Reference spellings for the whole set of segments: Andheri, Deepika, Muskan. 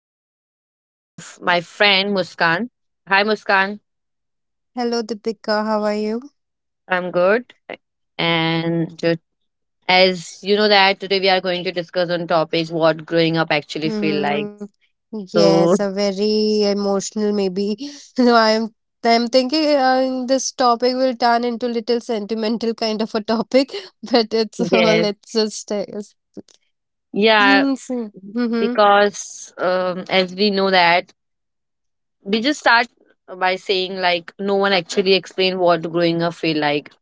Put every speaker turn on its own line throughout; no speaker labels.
we have of my friend Muskan. Hi, Muskan.
Hello, Deepika. How are you?
I'm good. And ju- as you know that today we are going to discuss on topic what growing up actually feel like.
Hmm.
So
Yes, a very emotional maybe. So I'm I'm thinking this topic will turn into little sentimental kind of a topic, but it's all
yes,
let's just
yeah,
Mm-hmm. Mm-hmm.
because as we know that we just start by saying like no one actually explained what growing up feel like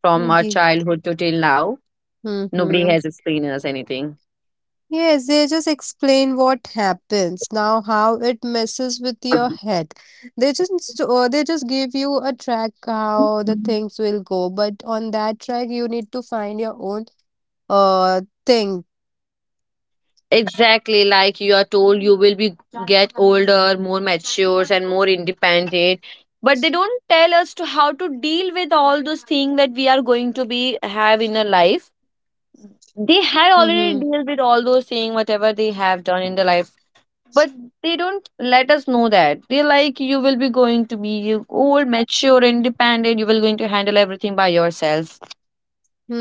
from our childhood to till now, nobody has
Mm-hmm.
explained us anything.
Yes, they just explain what happens now, how it messes with your head. They just you a track how the things will go, but on that track you need to find your own thing.
Exactly, like you are told you will be get older, more mature and more independent, but they don't tell us to how to deal with all those things that we are going to be have in our life. They had
Mm-hmm.
already dealt with all those things whatever they have done in their life. But they don't let us know that they're like you will be going to be old, mature, independent, you will going to handle everything by yourself.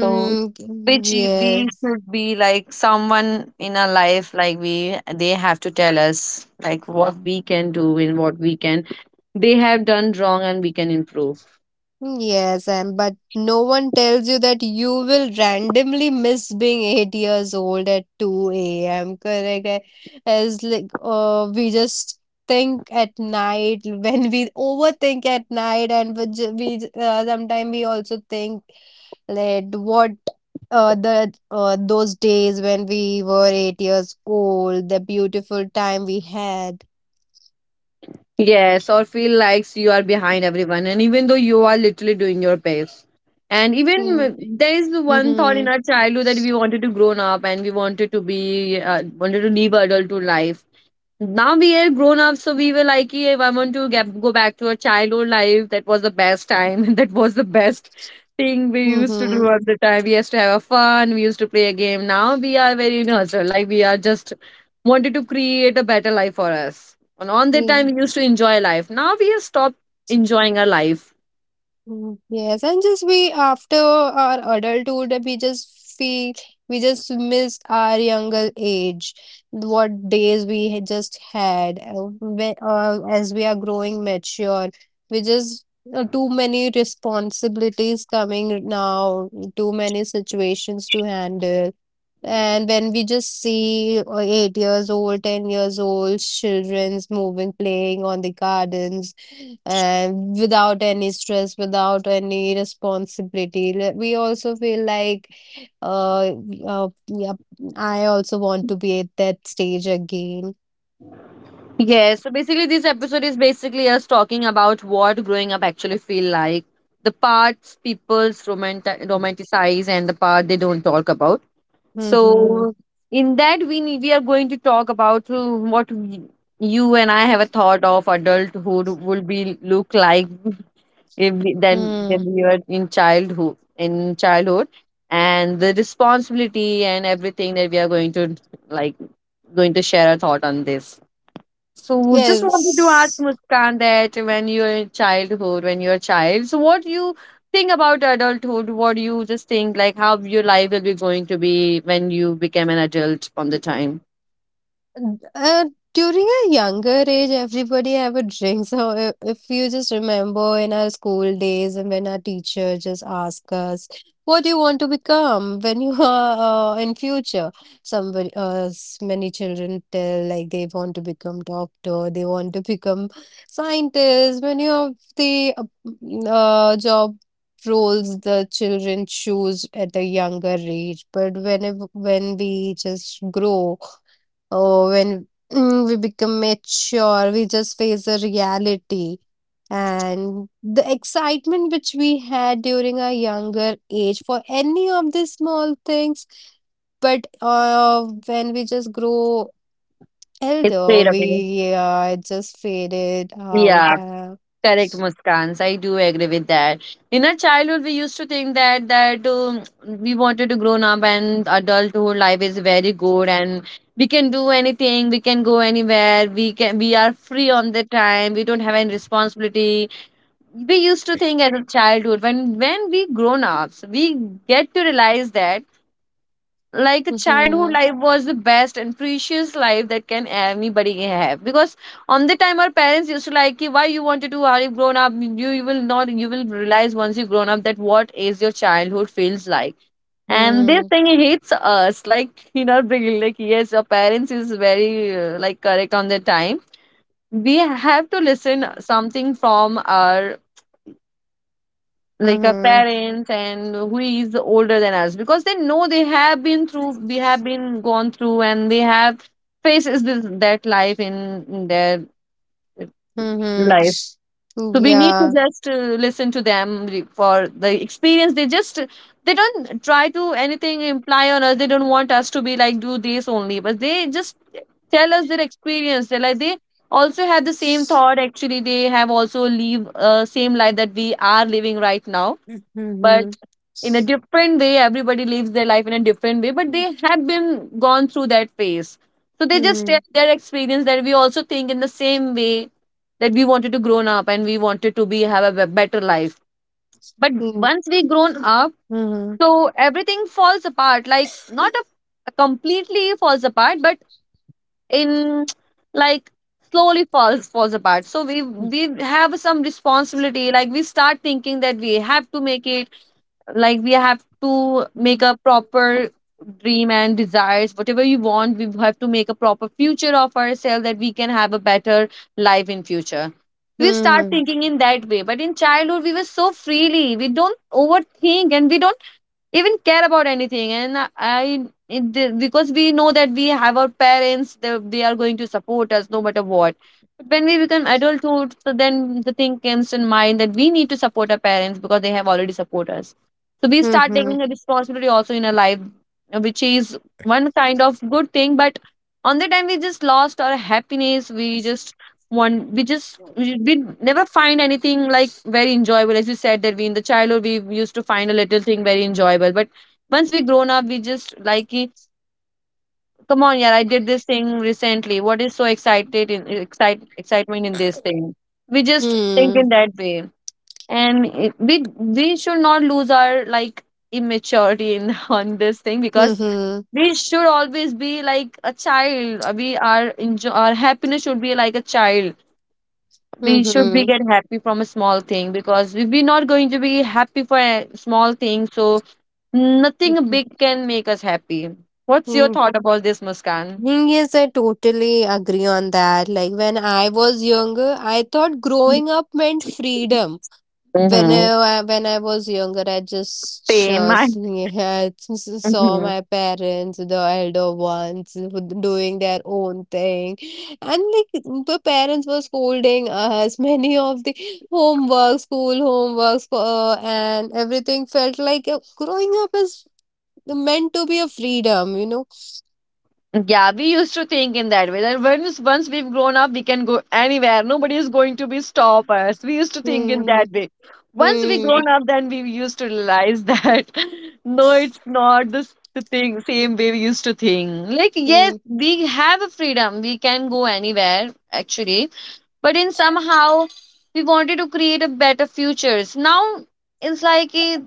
So which we
Yes.
should be like someone in our life, like we they have to tell us like what we can do and what we can, they have done wrong and we can improve.
Yes, and but no one tells you that you will randomly miss being 8 years old at 2 a.m. Correct? As like we just think at night, when we overthink at night, and we, ju- we j- sometimes we also think like what the those days when we were 8 years old, the beautiful time we had.
Yes, or feel like you are behind everyone, and even though you are literally doing your best. And even
Hmm.
there is one thought in
Mhm.
our childhood that we wanted to grown up and we wanted to be wanted to live adult to life. Now we are grown up, so we were like yeah, I want to go back to our childhood life. That was the best time. That was the best thing we used to do
Mhm.
at the time. We used to have a fun, we used to play a game. Now we are very nurture, like we are just wanted to create a better life for us, and on that time
Mm,
we used to enjoy life. Now we have stopped enjoying our life.
Yes, and just we after our adulthood, we just feel we just miss our younger age, what days we had just had. As we are growing mature, we just too many responsibilities coming now, too many situations to handle. And when we just see 8 years old, 10 years old, children's moving, playing on the gardens, and without any stress, without any responsibility, we also feel like, uh, yeah, I also want to be at that stage again.
Yeah, so basically this episode is basically us talking about what growing up actually feel like, the parts people's romanticize and the part they don't talk about. So
Mm-hmm.
in that we are going to talk about you and I have a thought of adulthood would be look like if we, then
Mm.
when we were in childhood, and the responsibility and everything that we are going to, like, going to share a thought on this. So just wanted to ask
Yes.
Muskan that when you're in childhood, when you're a child, so what you think about adulthood? What do you just think like how your life will be going to be when you became an adult on the time?
Uh, During a younger age, everybody have a drink. So, if you just remember in our school days and when our teacher just ask us, what do you want to become when you are in future? Somebody, many children tell like they want to become doctor, they want to become scientist. Many of the job roles the children choose at a younger age. But whenever when we just grow. Oh, when we become mature, we just face the reality. And the excitement which we had during our younger age for any of these small things, but when we just grow
It's
elder,
straight away.
we it just faded out.
Yeah. Correct, Muskans. I do agree with that. In our childhood, we used to think that we wanted to grown up and adulthood life is very good, and we can do anything, we can go anywhere, we are free on the time, we don't have any responsibility. We used to think as a childhood when we grown ups, we get to realize that like the childhood
Mm-hmm,
life was the best and precious life that can anybody have. Because on the time our parents used to like "Ki, why you want to do are you grown up you, you will not you will realize once you grown up that what is your childhood feels like," and this
mm-hmm,
thing hits us like in our brain, like yes, our parents is very like correct on the time. We have to listen something from our like our
mm-hmm,
parents and who is older than us, because they know, they have been through, they have been gone through, and they have faces this that life in their
mm-hmm.
life. So we need
Yeah.
to just listen to them for the experience they just, they don't try to anything imply on us, they don't want us to be like do this only, but they just tell us their experience. They like they also have the same thought. Actually they have also live same life that we are living right now. But
Mm-hmm,
in a different way, everybody lives their life in a different way, but they have been gone through that phase, so they just
mm-hmm,
share their experience that we also think in the same way, that we wanted to grown up and we wanted to be have a be- better life. But
mm-hmm.
once we grown up,
Mm-hmm,
so everything falls apart, like not a, a completely falls apart, but in, like, slowly falls apart. So we have some responsibility, like we start thinking that we have to make it, like we have to make a proper dream and desires, whatever you want, we have to make a proper future of ourselves, that we can have a better life in future. We start
mm-hmm.
thinking in that way, but in childhood we were so freely, we don't overthink and we don't even care about anything. And I it, the- Because we know that we have our parents, they are going to support us no matter what. But when we become adulthood, so then the thing comes in mind that we need to support our parents, because they have already supported us. So we start
Mhm.
taking the responsibility also in our life, which is one kind of good thing. But on the time we just lost our happiness. We just one we just We never find anything like very enjoyable, as you said that we in the childhood we used to find a little thing very enjoyable. But once we grown up, we just like "Ki, come on, yeah, I did this thing recently, what is so excitement in this thing?" We just think
Hmm.
in that way. And it, we we should not lose our like immaturity in on this thing. Because
Mhm.
we should always be like a child, we are enjoy, our happiness should be like a child. We should be
Mhm.
get happy from a small thing, because if we're not going to be happy for a small thing, so nothing
Mhm.
big can make us happy. What's your
Mm.
thought about this, Muskan?
Thing yes, I totally agree on that. Like when I was younger, I thought growing up meant freedom.
Mm-hmm.
When I was younger,
Same.
I just
I,
saw my parents, the elder ones, doing their own thing, and like the parents were scolding us. Many of the homework, school homeworks, and everything felt like growing up is meant to be a freedom, you know.
yeah, we used to think in that way that once we've grown up, we can go anywhere. Nobody is going to be stop us. We used to think in
Hmm.
that way. Once we
Hmm.
grown up, then we used to realize that no, it's not this the thing same way we used to think. Like
Hmm.
yes, we have a freedom. We can go anywhere actually, but in somehow we wanted to create a better futures. Now it's like eh,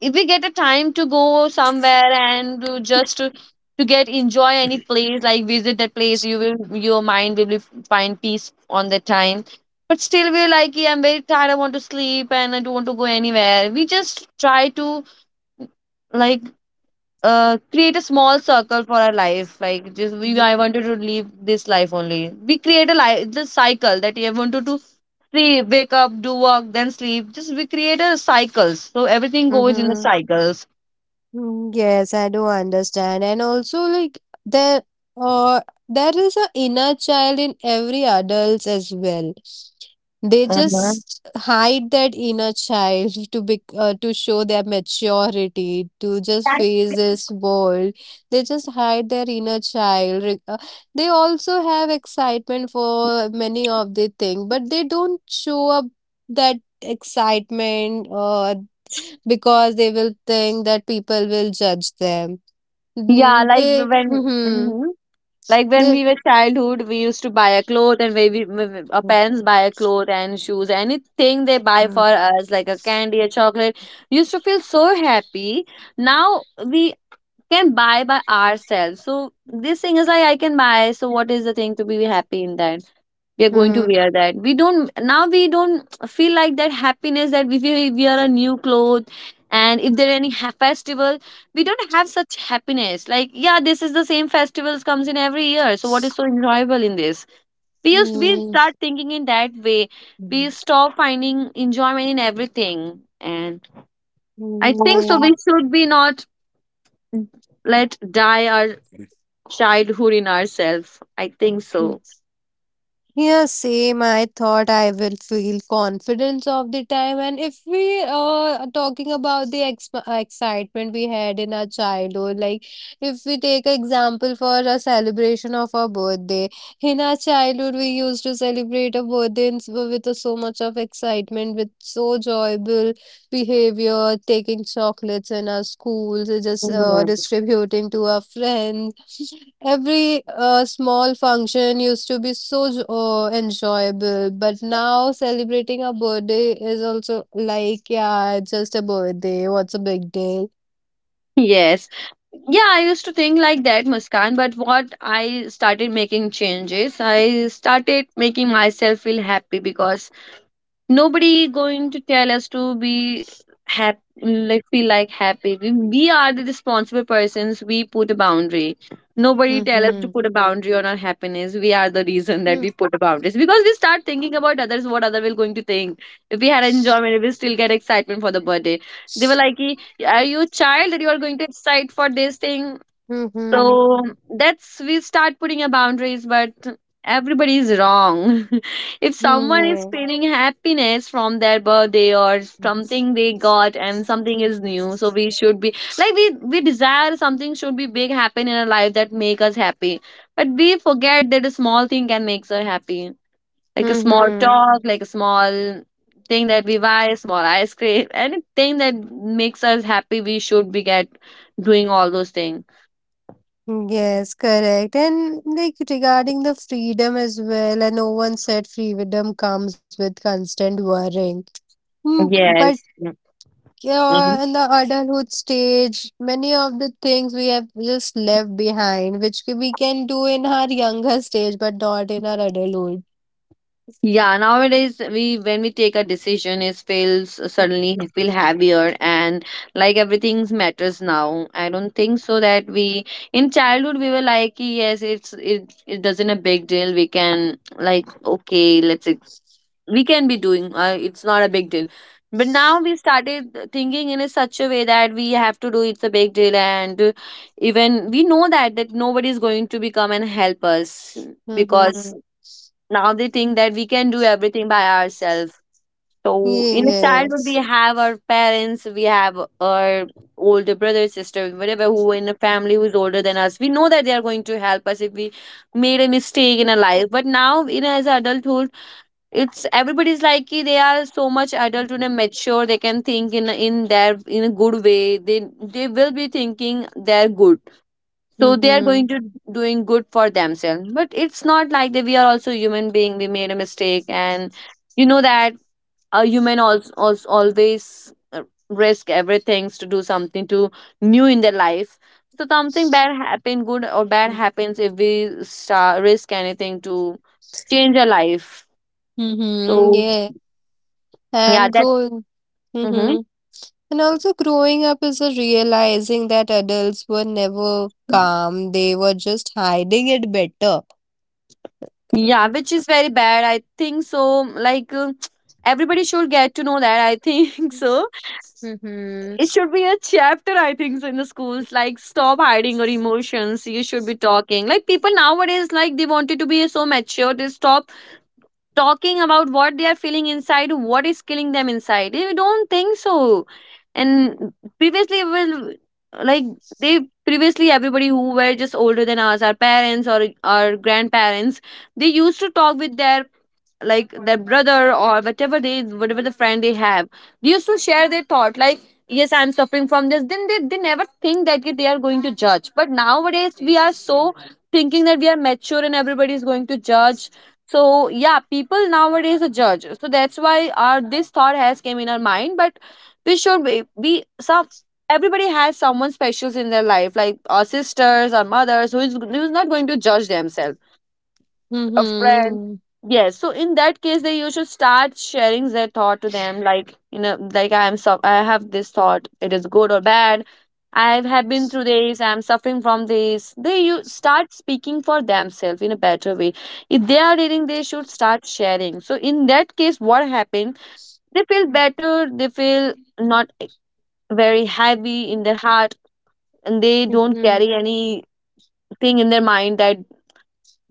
if we get a time to go somewhere and to get enjoy any place, like visit that place, you will, your mind will be find peace on that time. But still we're like yeah, I'm very tired, I want to sleep and I don't want to go anywhere. We just try to, like, uh, create a small circle for our life, like just we
Hmm.
I wanted to live this life only. We create a life, the cycle that "Yeah, I wanted to sleep, wake up, do work, then sleep." Just we create a cycles, so everything
Hmm,
goes in the
hmm.
cycles.
Yes, I do understand. And also like there uh there is a inner child in every adults as well. They
Mhm.
just hide that inner child to be to show their maturity, to just face this world. They just hide their inner child. They also have excitement for many of the things, but they don't show up that excitement or because they will think that people will judge them.
Yeah, like
They,
when,
hmm,
hmm, like when
they,
we were childhood, we used to buy a cloth, and our
mhm.
parents buy a cloth and shoes, anything they buy for us, like a candy, a chocolate, used to feel so happy. Now we can buy by ourselves. So this thing is like I can buy. So what is the thing to be happy in that? We are going to
Mm,
wear that, we don't now we don't feel like that happiness that we wear a new clothes. And if there are any festival, we don't have such happiness, like yeah, this is the same festivals comes in every year, so what is so enjoyable in this? We start thinking in that way. We
mm,
stop finding enjoyment in everything. And I think so we
mm,
should be not let die our childhood in ourselves, I think
they.
so.
Yeah, same. I thought I will feel confidence of the time. And if we are talking about the ex excitement we had in our childhood, like if we take an example for a celebration of our birthday, in our childhood we used to celebrate a birthday with a so much of excitement, with so joyful behavior, taking chocolates in our schools, just
Mhm.
distributing to our friends. Every small function used to be so enjoyable, but now celebrating a birthday is also like, yeah, it's just a birthday. What's a big deal?
Yes. Yeah, I used to think like that, Muskan, but what I started making changes, I started making myself feel happy because nobody going to tell us to be happy. Like, feel like happy, we are the responsible persons. We put a boundary. Nobody tell us to
Mm-hmm.
put a boundary on our happiness. We are the reason that
Mm-hmm.
we put a boundaries, because we start thinking about others, what other will going to think. If we had enjoyment, if we still get excitement for the birthday, they were like, "Ki, are you a child that you are going to excite for this thing?"
Mm-hmm.
So that's we start putting a boundaries, but everybody is wrong. If someone is feeling happiness from their birthday or
Yeah.
something they got and something is new, so we should be like, we desire something should be big happen in our life that make us happy, but we forget that a small thing can make us happy, like a small
Mm-hmm.
talk, like a small thing that we buy, small ice cream, anything that makes us happy. We should be get doing all those things.
Yes, correct. And like regarding the freedom as well, and no one said freedom comes with constant worrying. Hmm. But
Yes. Mhm.
in the adulthood stage, many of the things we have just left behind, which we can do in our younger stage, but not in our adulthood.
Yeah, nowadays we when we take a decision, it feels suddenly feel heavier and like everything matters now. I don't think so that we in childhood we were like, yes, it's it doesn't a big deal. We can, like, okay, we can be doing. It's not a big deal. But now we started thinking in a such a way that we have to do, it's a big deal, and even we know that nobody is going to become and help us because
Mm-hmm.
now they think that we can do everything by ourselves. So in a childhood we
Yes.
have our parents, we have our older brother sister whatever, who in a family who's older than us, we know that they are going to help us if we made a mistake in our life. But now in as adulthood, it's everybody's like कि they are so much adult and mature, they can think in their in a good way, they will be thinking they're good. So they are
Mm-hmm.
going to doing good for themselves. But it's not like that, we are also human being, we made a mistake, and you know that a human also always risk everything to do something to new in their life. So something bad happen, good or bad happens, if we start, risk anything to change our life.
Mm-hmm.
So
Yeah.
yeah.
And
That.
growing.
Hmm.
Mm-hmm. And also, growing up is a realizing that adults were never calm, they were just hiding it better.
Yeah, which is very bad, I think so. Like, everybody should get to know that, I think so
Mm-hmm.
it should be a chapter, I think so, in the schools. Like, stop hiding your emotions, you should be talking. Like, people nowadays, like, they wanted to be so mature, they stop talking about what they are feeling inside, what is killing them inside. They don't think so. And previously, well, like, they, previously everybody who were just older than us, our parents or our grandparents, they used to talk with their, like their brother or whatever, they, whatever the friend they have, they used to share their thought like, yes, I'm suffering from this. Then they never think that they are going to judge. But nowadays we are so thinking that we are mature and everybody is going to judge. So yeah, people nowadays are judge, so that's why our this thought has came in our mind. But we should be some, everybody has someone special in their life, like our sisters, our mothers, who's not going to judge themselves, a friend.
Mm-hmm.
Yes, so in that case they, you should start sharing their thought to them, like, you know, like, I am, so I have this thought, it is good or bad, I have been through this, I'm suffering from this. They, you start speaking for themselves in a better way. If they are reading, they should start sharing. So in that case, what happened, they feel better, they feel not very heavy in their heart, and they don't
Mm-hmm.
carry anything in their mind that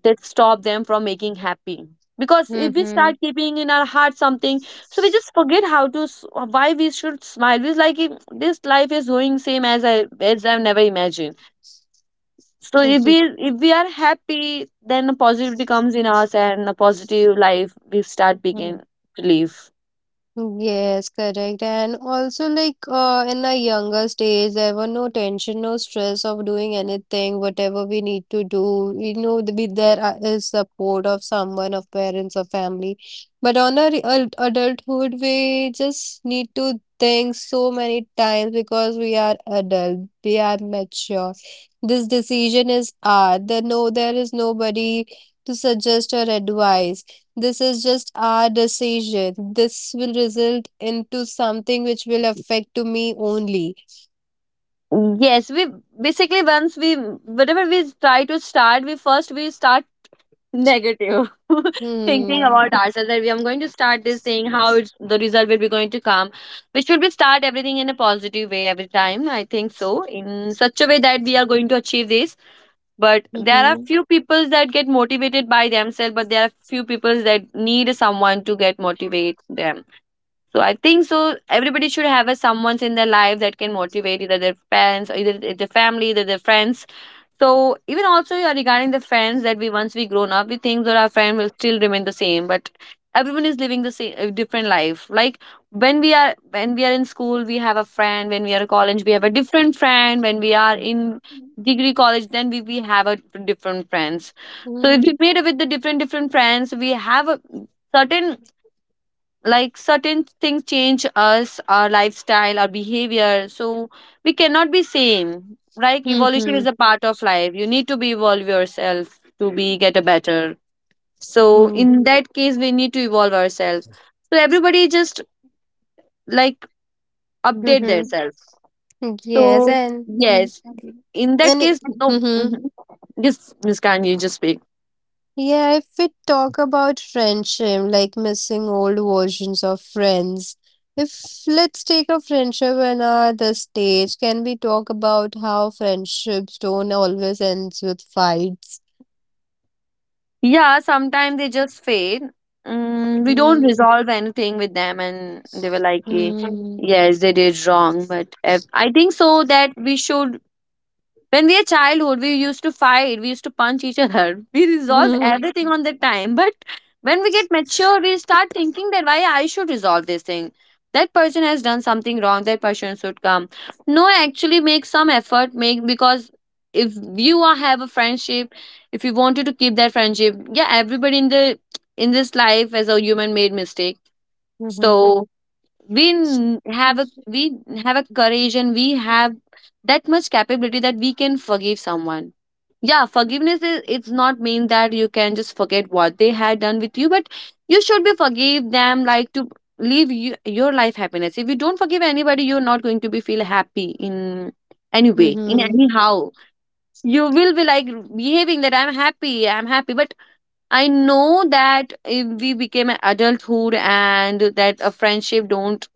that stop them from making happy, because if we start keeping in our heart something, so we just forget why we should smile. It's like, if this life is going same as I, as I've never imagined. So if we are happy, then the positivity comes in us and the positive life we start
Mm-hmm.
begin to live.
Yes, correct. And also, like in our younger stage, there were no tension, no stress of doing anything, whatever we need to do. We know that we, is support of someone, of parents, or family. But on our adulthood, we just need to think so many times because we are adult, we are mature. This decision is ours. There no, there is nobody to suggest or advise. This is just our decision. This will result into something which will affect to me only.
Yes, we basically, once we, whatever we try to start, we first we start negative thinking
Hmm.
about ourselves that we are going to start this thing, how it's the result will be going to come. We should be start everything in a positive way every time, I think so, in such a way that we are going to achieve this. But there are
Hmm.
few people that get motivated by themselves, but there are few people that need someone to get motivate them. So I think so everybody should have a someone's in their life that can motivate, either their parents, or either their family, either their friends. So even also, yeah, regarding the friends, that we once we grown up, we think that our friend will still remain the same, but everyone is living the same a different life. Like, when we are in school, we have a friend. When we are in college, we have a different friend. When we are in degree college, then we have a different friends. So if we
Hmm.
meet with the different different friends, we have a certain, like, certain things change us, our lifestyle, our behavior, so we cannot be same. Like, evolution
Hmm.
is a part of life, you need to be evolve yourself to be get a better. So
Hmm.
in that case we need to evolve ourselves. So everybody just, like, update
Hmm.
themselves.
Yes,
So
and and.
yes, in that
It.
case, no.
Hmm.
Mm-hmm. Just Miscan, you just speak.
Yeah, if we talk about friendship, like missing old versions of friends, if let's take a friendship another stage, can we talk about how friendships don't always end with fights?
Yeah, sometimes they just fade. We don't
Hmm.
resolve anything with them, and they were like, eh,
Hmm.
yes, they did wrong. But if, I think so that we should, when we are childhood, we used to fight, we used to punch each other. We resolve everything on that time. But when we get mature, we start thinking that why I should resolve this thing. That person has done something wrong. That person should come. No, actually, make some effort. Make, because if you are, have a friendship, if you wanted to keep that friendship, yeah, everybody in this life as a human made mistake.
Hmm.
So we have a courage and we have that much capability that we can forgive someone. Yeah, forgiveness is it's not mean that you can just forget what they had done with you, but you should be forgive them, like to live your life happiness. If you don't forgive anybody, you're not going to be feel happy, in any way, in
Hmm.
any how. You will be like behaving that I'm happy, I'm happy. But I know that if we became an adulthood and that a friendship don't,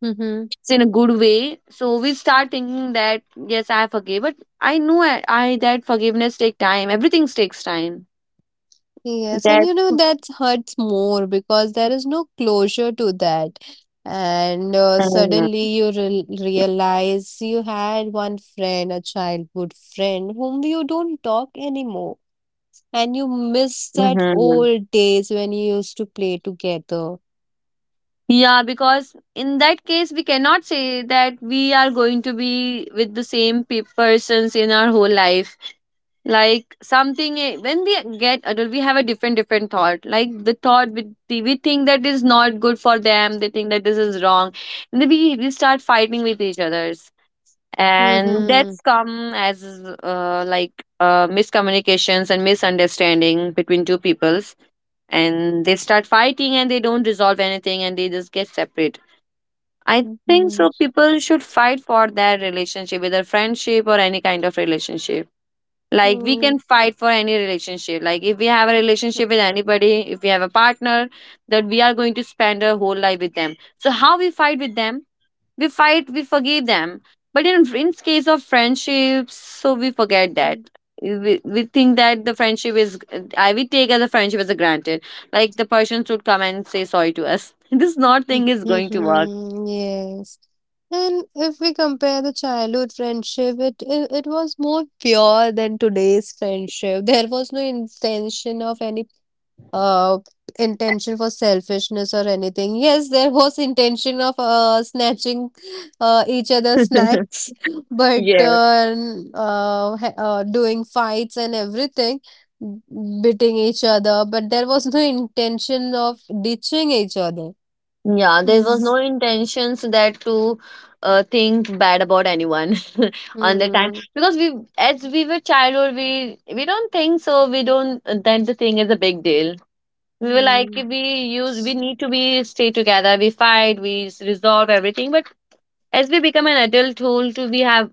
Hmm.
it's in a good way. So we start thinking that yes, I forgave, but I know, I that forgiveness take time, everything takes time.
Yes, and
That.
you know that hurts more because there is no closure to that. And suddenly you re realize you had one friend, a childhood friend, whom you don't talk anymore. And you miss that
Mhm.
old days when you used to play together.
Yeah, because in that case we cannot say that we are going to be with the same persons in our whole life. Like, something, when we get adult we have a different different thought, like the thought we think that is not good for them, they think that this is wrong. And then we start fighting with each others. And
Mm-hmm.
that's come as like miscommunications and misunderstanding between two peoples. And they start fighting and they don't resolve anything and they just get separate. I think
Mm-hmm.
so people should fight for their relationship, whether friendship or any kind of relationship. Like, we can fight for any relationship. Like, if we have a relationship with anybody, if we have a partner that we are going to spend our whole life with them, so how we fight with them, we fight, we forgive them. But in case of friendships, so we forget that.
Mm-hmm.
We think that the friendship is, I we take as a friendship as a granted. Like, the person should come and say sorry to us. This not thing is going to work.
Mhm. Yes. And if we compare the childhood friendship, it was more pure than today's friendship. There was no intention of any uh intention for selfishness or anything. Yes, there was intention of snatching each other's snacks, but
Yes.
doing fights and everything, beating each other. But there was no intention of ditching each other.
Yeah, there was no intentions that to think bad about anyone on the time
Mm,
because we, as we were childhood, we don't think so. We don't that the thing is a big deal. we were like
mm.
we use we need to be stay together. We fight, we resolve everything. But as we become an adult whole too, we have,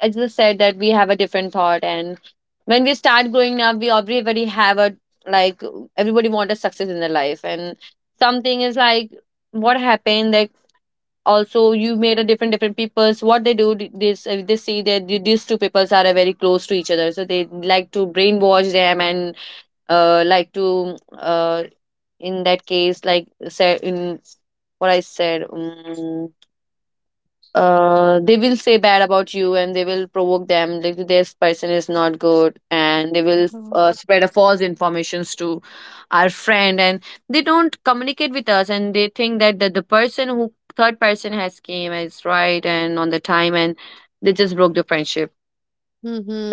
as I said, that we have a different thought. And when we start growing up, we everybody have a, like, everybody want a success in their life. And something is like what happened, like, also you made a different different peoples. What they do, this, they see that these two peoples are very close to each other, so they like to brainwash them and like to in that case, like said in what I said, they will say bad about you and they will provoke them, like this person is not good, and they will
Mhm.
spread a false informations to our friend, and they don't communicate with us, and they think that, the person who third person has came is right. And on the time, and they just broke the friendship.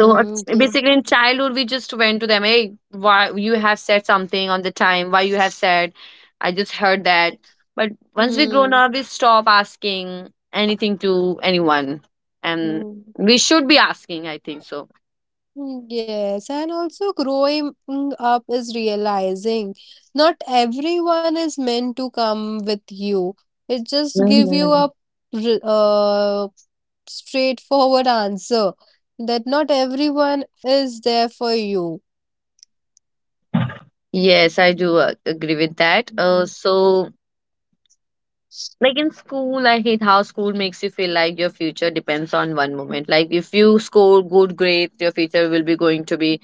So
yeah.
basically, in childhood, we just went to them. Hey, why you have said something on the time? Why you have said? I just heard that. But once we grown
Mm,
up, we stop asking anything to anyone, and
mm.
we should be asking, I think so.
Yes, and also growing up is realizing not everyone is meant to come with you. It just give you a
Mhm.
re- uh, straightforward answer that not everyone is there for you.
Yes, I do agree with that. Uh,
Mm-hmm.
so like in school, I hate how school makes you feel like your future depends on one moment. Like if you score good grades, your future will be going to be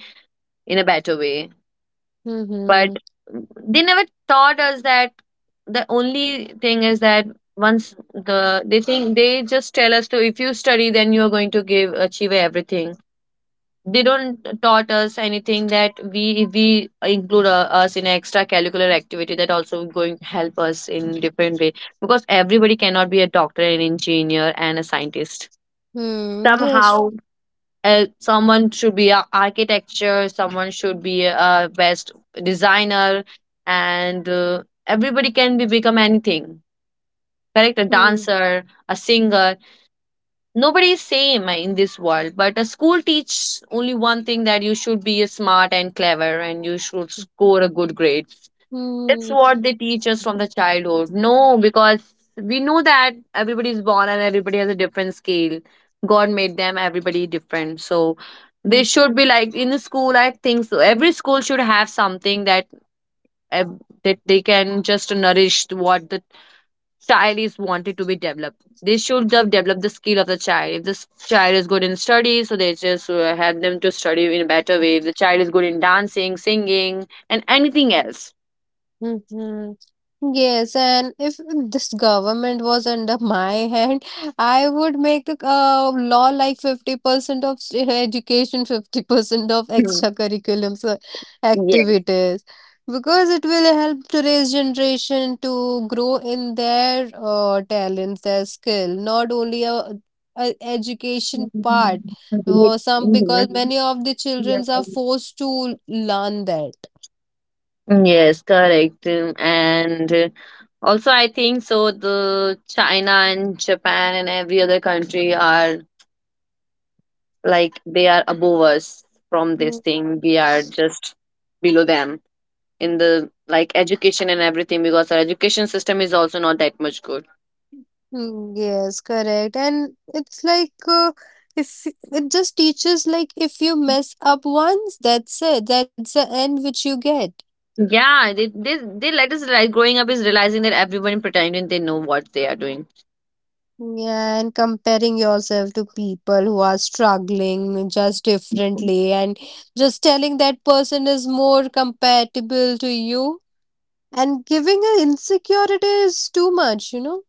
in a better way. But
Mm-hmm.
they never taught us that. The only thing is that once they think, they just tell us to if you study, then you are going to give achieve everything. They don't taught us anything that we if we include us in extra curricular activity, that also going to help us in different way. Because everybody cannot be a doctor, an engineer, and a scientist.
Mm, yes.
Somehow, someone should be a architecture, someone should be a best designer. And everybody can be become anything. Correct, a
Mm-hmm.
dancer, a singer. Nobody is same in this world, but a school teaches only one thing, that you should be smart and clever and you should score a good grade. It's
Mm-hmm.
what they teach us from the childhood. No, because we know that everybody is born and everybody has a different scale. God made them everybody different. So they should be like in the school, I think so. Every school should have something that uh, that they can just nourish to what the child is wanted to be developed. They should just
Mm-hmm.
develop the skill of the child. If this child is good in studies, so they just help them to study in a better way. If the child is good in dancing, singing, and anything else.
Mhm. Yes, and if this government was under my hand, I would make a law like 50% of education, 50% of
Hmm.
extracurriculum so activities, because it will help today's generation to grow in their talents, their skill, not only a education part.
Mm-hmm.
Or some because many of the children are forced to learn that.
Yes, correct. And also, I think so. The China and Japan and every other country are like they are above us from this thing. We are just below them in the like education and everything, because our education system is also not that much good.
Yes, correct. And it's like if it just teaches like if you mess up once, that's it. That's the end which you get.
Yeah, they let us like growing up is realizing that everyone pretending they know what they are doing.
Yeah, and comparing yourself to people who are struggling just differently and just telling that person is more compatible to you and giving an insecurity is too much, you know?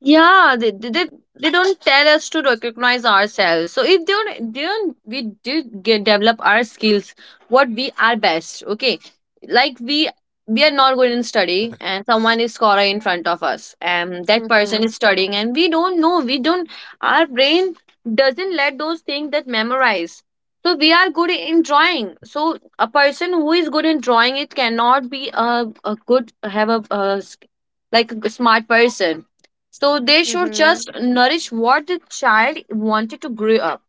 Yeah, they don't tell us to recognize ourselves. So if they don't, they don't we did get develop our skills, what we are best. Okay, like we are not good in study, and someone is scholar in front of us, and that person
Mm-hmm.
is studying, and we don't know. We don't. Our brain doesn't let those things that memorize. So we are good in drawing. So a person who is good in drawing, it cannot be a good have a, like a smart person. So they should
Mm-hmm.
just nourish what the child wanted to grow up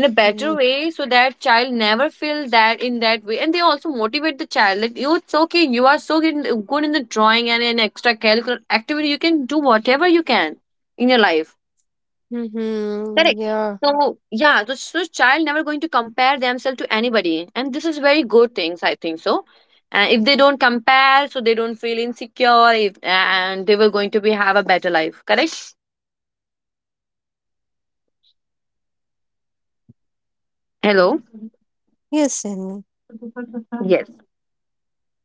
in a better way, so that child never feel that in that way. And they also motivate the child that you, it's okay, you are so good in good in the drawing and in extracurricular activity. You can do whatever you can in your life.
Mm-hmm.
Correct.
Yeah.
So yeah, so child never going to compare themselves to anybody, and this is very good things, I think so. And if they don't compare, so they don't feel insecure if, and they were going to be have a better life. Correct. Hello?
Yes, you sin.
Yes.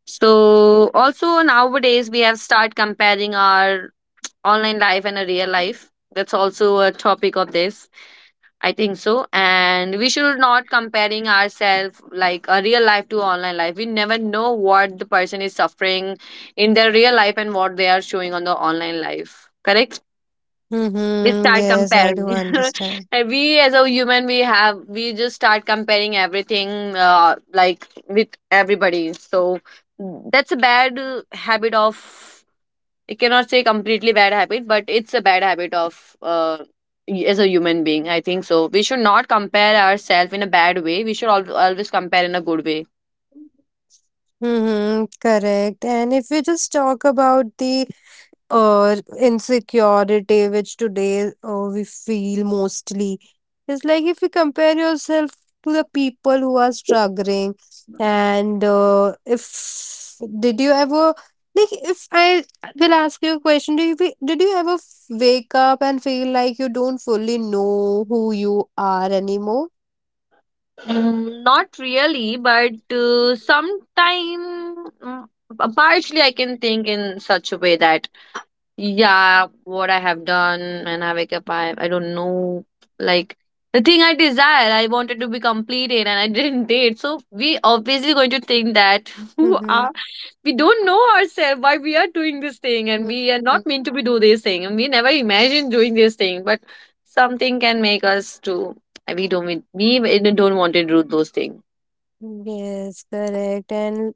So also nowadays we have start comparing our online life and a real life. That's also a topic of this, I think so. And we should not comparing ourselves like a real life to online life. We never know what the person is suffering in their real life and what they are showing on the online life. Correct?
Mhm.
We
Yes, I
start
do
comparing.
understand.
And we as a human, we have we just start comparing everything, like with everybody. So that's a bad habit of, I cannot say completely bad habit, but it's a bad habit of, as a human being, I think so, we should not compare ourselves in a bad way, we should always compare in a good way.
Mhm. Correct. And if we just talk about the insecurity which today we feel mostly, it's like if you compare yourself to the people who are struggling, and if did you ever like if I will ask you a question, did you ever wake up and feel like you don't fully know who you are anymore?
Mm, not really, but sometime, mm, partially I can think in such a way that, yeah, what I have done and I wake up, I don't know. Like, the thing I desire, I wanted to be completed and I didn't date. So, we obviously going to think that who
Mm-hmm.
are, we don't know ourselves why we are doing this thing and we are
Mm-hmm.
not meant to be do this thing and we never imagined doing this thing, but something can make us to, we don't want to do those things.
Yes, correct. And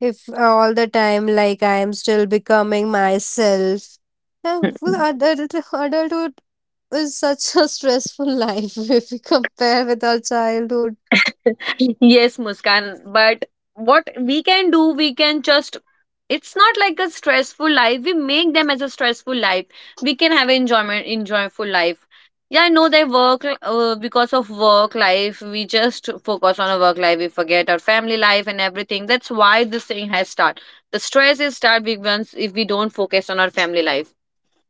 if all the time, like I am still becoming myself, adulthood is such a stressful life if we compare with our childhood.
Yes, Muskan, but what we can do, we can just, it's not like a stressful life, we make them as a stressful life. We can have an enjoyment enjoyable life. Yeah, I know they work because of work life. We just focus on our work life, we forget our family life and everything. That's why this thing has started. The stress is start big ones if we don't focus on our family life.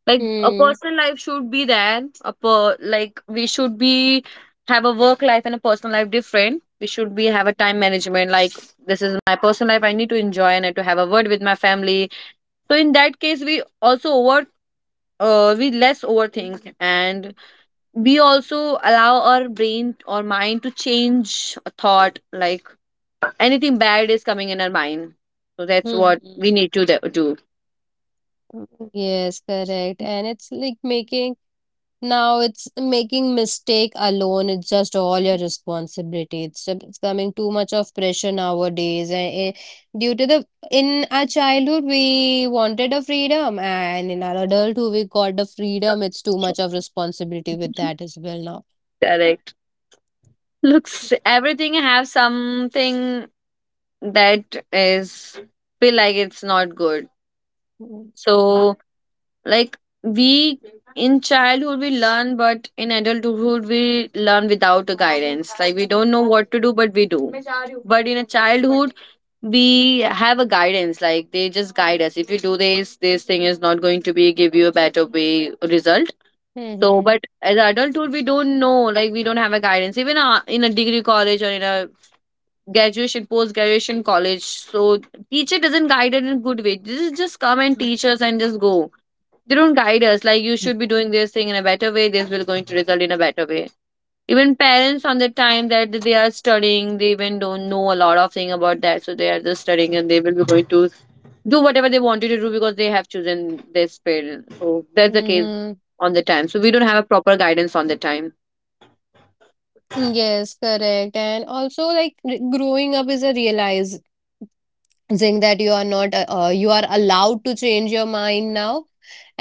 Like a
Mm-hmm.
personal life should be there, a per, like we should be have a work life and a personal life different. We should be have a time management, like this is my personal life, I need to enjoy and I need to have a word with my family. So in that case we also over, we less overthink. And we also allow our brain or mind to change a thought, like anything bad is coming in our mind. So that's what we need to do.
Yes, correct. And it's like making now it's making mistake alone. It's just all your responsibility. It's just becoming too much of pressure nowadays. And due to the in our childhood we wanted a freedom, and in our adulthood we got the freedom. It's too much of responsibility with that as well now.
Correct. Looks everything have something that is feel like it's not good.
Mm-hmm.
So, like, we in childhood we learn, but in adulthood we learn without a guidance, like we don't know what to do but we do. But in a childhood we have a guidance, like they just guide us if you do this, this thing is not going to be give you a better way result. So,
Mm-hmm.
but as adulthood we don't know, like we don't have a guidance, even in a degree college or in a graduation post graduation college. So teacher doesn't guide it in good way, this is just come and teach us and just go. They don't guide us like you should be doing this thing in a better way, this will going to result in a better way. Even parents on the time that they are studying, they even don't know a lot of thing about that. So they are just studying and they will be going to do whatever they wanted to do, because they have chosen this field. So that's the case
Mm-hmm.
on the time. So we don't have a proper guidance on the time.
Yes, correct. And also, like growing up is a realizing that you are not, you are allowed to change your mind now.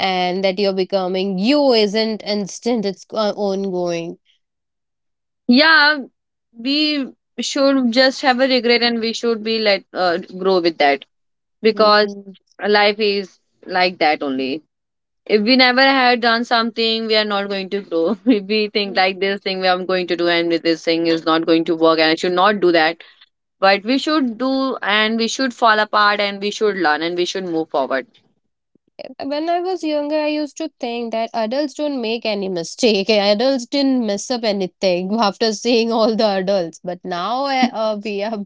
And that you're becoming you isn't instant, it's ongoing.
Yeah, we should just have a regret and we should be let grow with that. Because
Mhm.
life is like that only. If we never had done something, we are not going to grow. If we think
Mm,
like this thing we are going to do and this thing is not going to work and I should not do that. But we should do and we should fall apart and we should learn and we should move forward.
when I was younger I used to think that adults don't make any mistake. Adults didn't mess up anything. After seeing all the adults, but now we are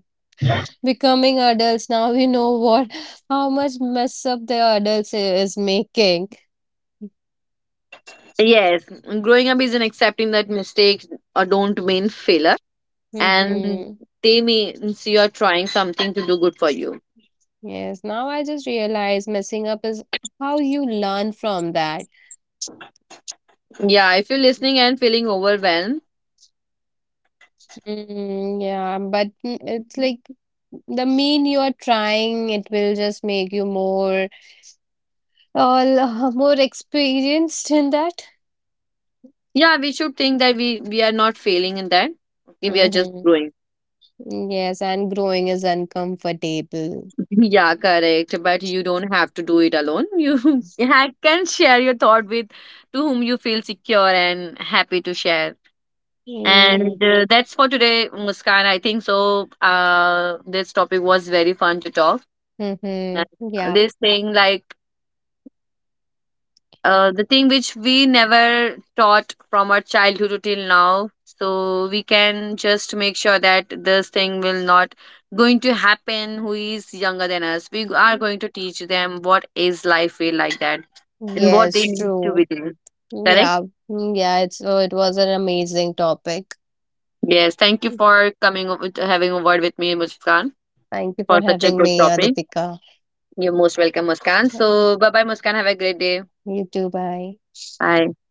becoming adults now we know what how much mess up the adults is making.
Yes, growing up is in accepting that mistakes don't mean failure, and
Hmm.
they means you are trying something to do good for you.
Yes, now I just realize messing up is how you learn from that.
Yeah, if you're listening and feeling overwhelmed,
Yeah, but it's like the mean you are trying, it will just make you more all more experienced in that.
yeah, we should think that we are not failing in that. Okay, we are just
Mm-hmm.
growing.
Yes, and growing is uncomfortable.
Yeah, correct. But you don't have to do it alone. You yeah can share your thought with to whom you feel secure and happy to share. And
Mm.
that's for today, Muskan, I think so. This topic was very fun to talk. And
Mm-hmm. Yeah.
this thing, like, the thing which we never taught from our childhood till now, so we can just make sure that this thing will not going to happen. Who is younger than us, we are going to teach them what is life feel like that, and what they
Yes,
need to be
true.
doing. Correct.
Yeah. Yeah, it's oh, it was an amazing topic.
Yes, thank you for coming up with having a word with me, Muskan,
Thank you
for
for
such a
having
good
me,
topic.
Adipika.
You're most welcome, Muskan. So,
Mm,
bye bye, Muskan, have a great day.
You too, bye.
Bye.